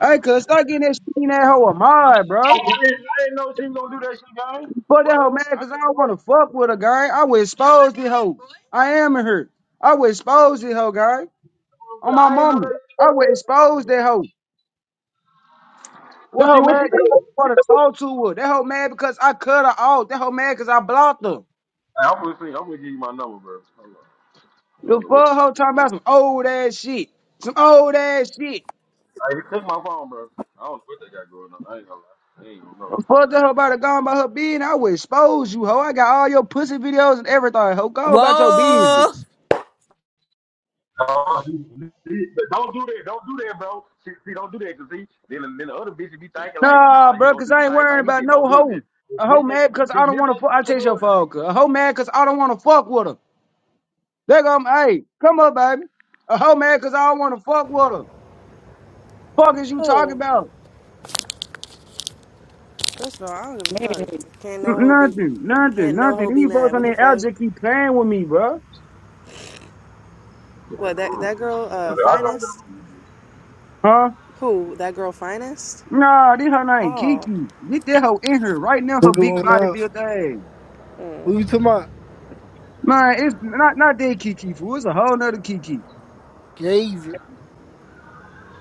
Hey, cuz start getting that shit in that hoe of mine, I bro. didn't know she was gonna do that shit, bro. Fuck that hoe What? man, I cause I don't wanna fuck with her, guy. I would expose this hoe. I am in her. I would expose this hoe, guy. On my didn't know mama. that. I would expose that hoe. That What she? hoe What mad she cause I do? wanna talk to her. That hoe mad because I cut her off. That hoe mad cause I blocked her. I'm gonna give you my number, bro. I The don't know what. fuck hoe talking about some old ass shit. Some old ass shit. I took my phone, bro. I don't know what they got going on. I ain't gonna lie. I ain't gonna lie. Fuck that hoe about to go on about her being. I would expose you, hoe. I got all your pussy videos and everything, hoe. Go about your Whoa! business. Don't do that. Don't do that, bro. See, don't do that because then, then the other bitches be thinking like, Nah, nah, you bro, gonna cause do the I ain't same worrying thing he about did. no Don't do it, hoe. dude. This A hoe is mad cause this I is a don't team wanna fuck. I of chase your brothers, phone, cause a hoe mad cause I don't wanna fuck with her. There go, hey, come up, baby. A hoe mad cause I don't wanna fuck with her. Fuck is you talking Who? about? First of all, I don't give a fuck. Can't N- no hoe be, nothing, nothing, can't no hoe nothing. be These folks mad. on What the the out fuck? just keep playing with me, bro. What that that girl? bro. Uh, I don't know. finest? Huh? Who? That girl finest? Nah, this her name Oh, Kiki. Get that hoe in here right now. Her What big going body on? built ass. What you talking about? Man, it's not not that Kiki fool. It's a whole nother Kiki. David.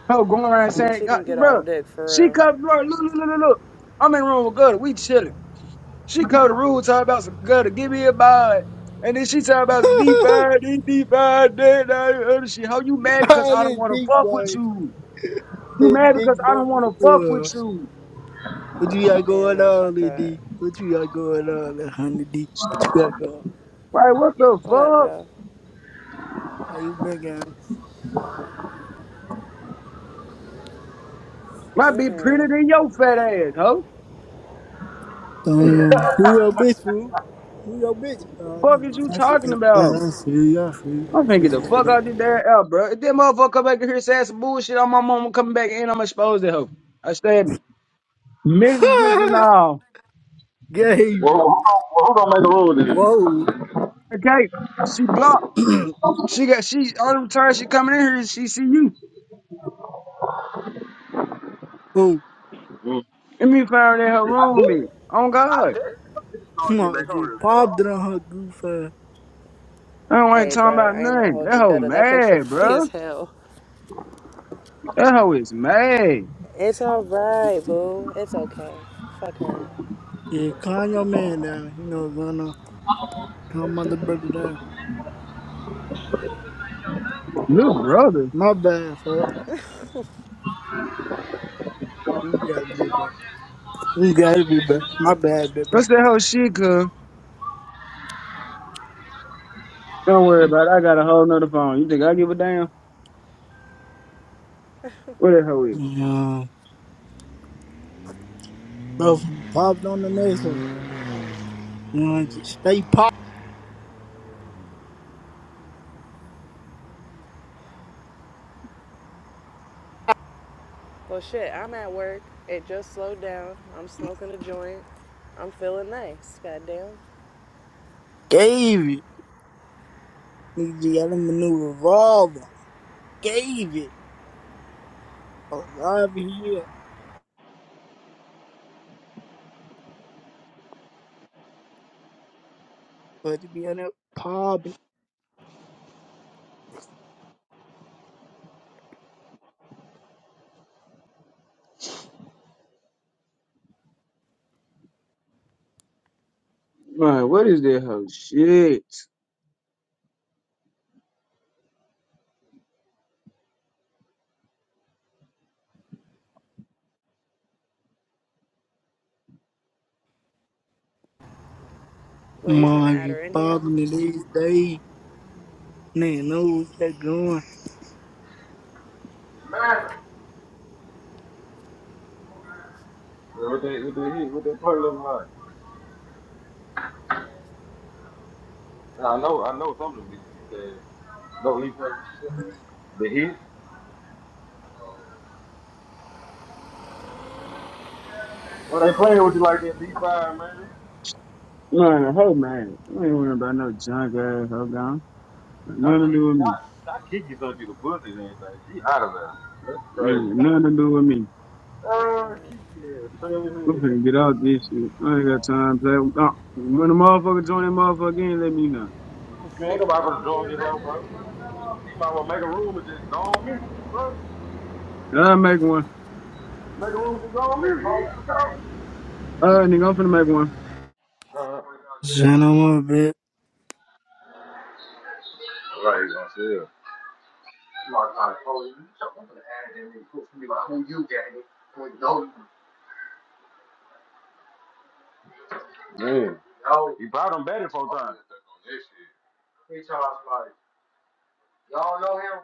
Her going around uh, saying, she God, can get bro, off dick she for covered, bro, look, look, look, look, look. I'm in room with Gutter. We chilling. She covered the rules, talking about some Gutter. Give me a bye. And then she talking about some deep fried, deep, deep fried, dead, other shit. How you mad because Ah, I don't that want to dick fuck with boy. you? You That mad dick because I boy. don't want to fuck Uh, with you? what you got real. Yeah, going nah, on, fuck little that. D? What you got going on, little honey D? What you got going on? Like, what the What up, fuck? though? Are you big ass? Might be prettier Mm-mm. than your fat ass, ho. Period. Damn. Who your bitch, fool? Who your bitch? Oh, never Fuck is mind. you I see, talking uh, about? uh, I see you. I see you. I'm I finna see get the you fuck with out this damn air, bro. If that motherfucker come back in here saying some bullshit, on my mama coming back in, I'm exposed to her. I stand messages and that. all. David. Well, who don't? Who don't make the rules, Whoa. Okay, she blocked. She got she all the time she coming in here. She see you. Whoa. bro? Hmm. And me found out I that her just, room roommate. Oh God, I just started Come getting on, back over G. this, so I Popped it do on her goof ass. I don't ain't Hey, talking bruh, about I ain't gonna nothing. hold That you hoe gutter. That picture mad, funny bro. as hell. That hoe is mad. It's all right, boo. It's okay. Fuck her. Yeah, calm your man down. You know what's going on. Calm my little brother down. Little brother, My bad, fuck. You gotta be back. You gotta be back. My bad, baby. what's that hoe shit? Cause don't worry about it. I got a whole nother phone. You think I give a damn? What that hoe is? Yeah. Both of 'em popped on the next one. You know, just stay pop. Well, shit, I'm at work. It just slowed down. I'm smoking a joint. I'm feeling nice. Goddamn. Gave it. Nigga got him a new revolver. Gave it. I Alive in here. But to be on that popping. Man, what is that hoe shit? What, you trying to Mom, add you her in here? popping it these days. Nigga know what that going. what that, what that, hit, what that part look like? And I know, I know some of them niggas because no leaf the hit. Well, they playing with you like that, D five man. Man, the hoe mad. I ain't worrying about no junk ass hoe gone. Got And I Nothing to kick, do with I, me. I kick you something to the pussy and everything. She out of there. That's Man, crazy. got Nothing to do with me. Uh, kick you, there, trail We finna get out this shit. I ain't got time to play. Uh, when the motherfucker join that motherfucker in, let me know. Man, ain't nobody gonna join this hoe, bro. You might well make a room and just go on mute, bro. I'll make one. Make a room and just go on mute. Uh, nigga, I'm finna make one. Uh Son huh. of a bitch. Right, he's gonna feel. Like, like, oh, you something to add in and proof me like who you gave it. Who you know Yeah. No. He brought him better four Oh, times. He talks like, y'all know him?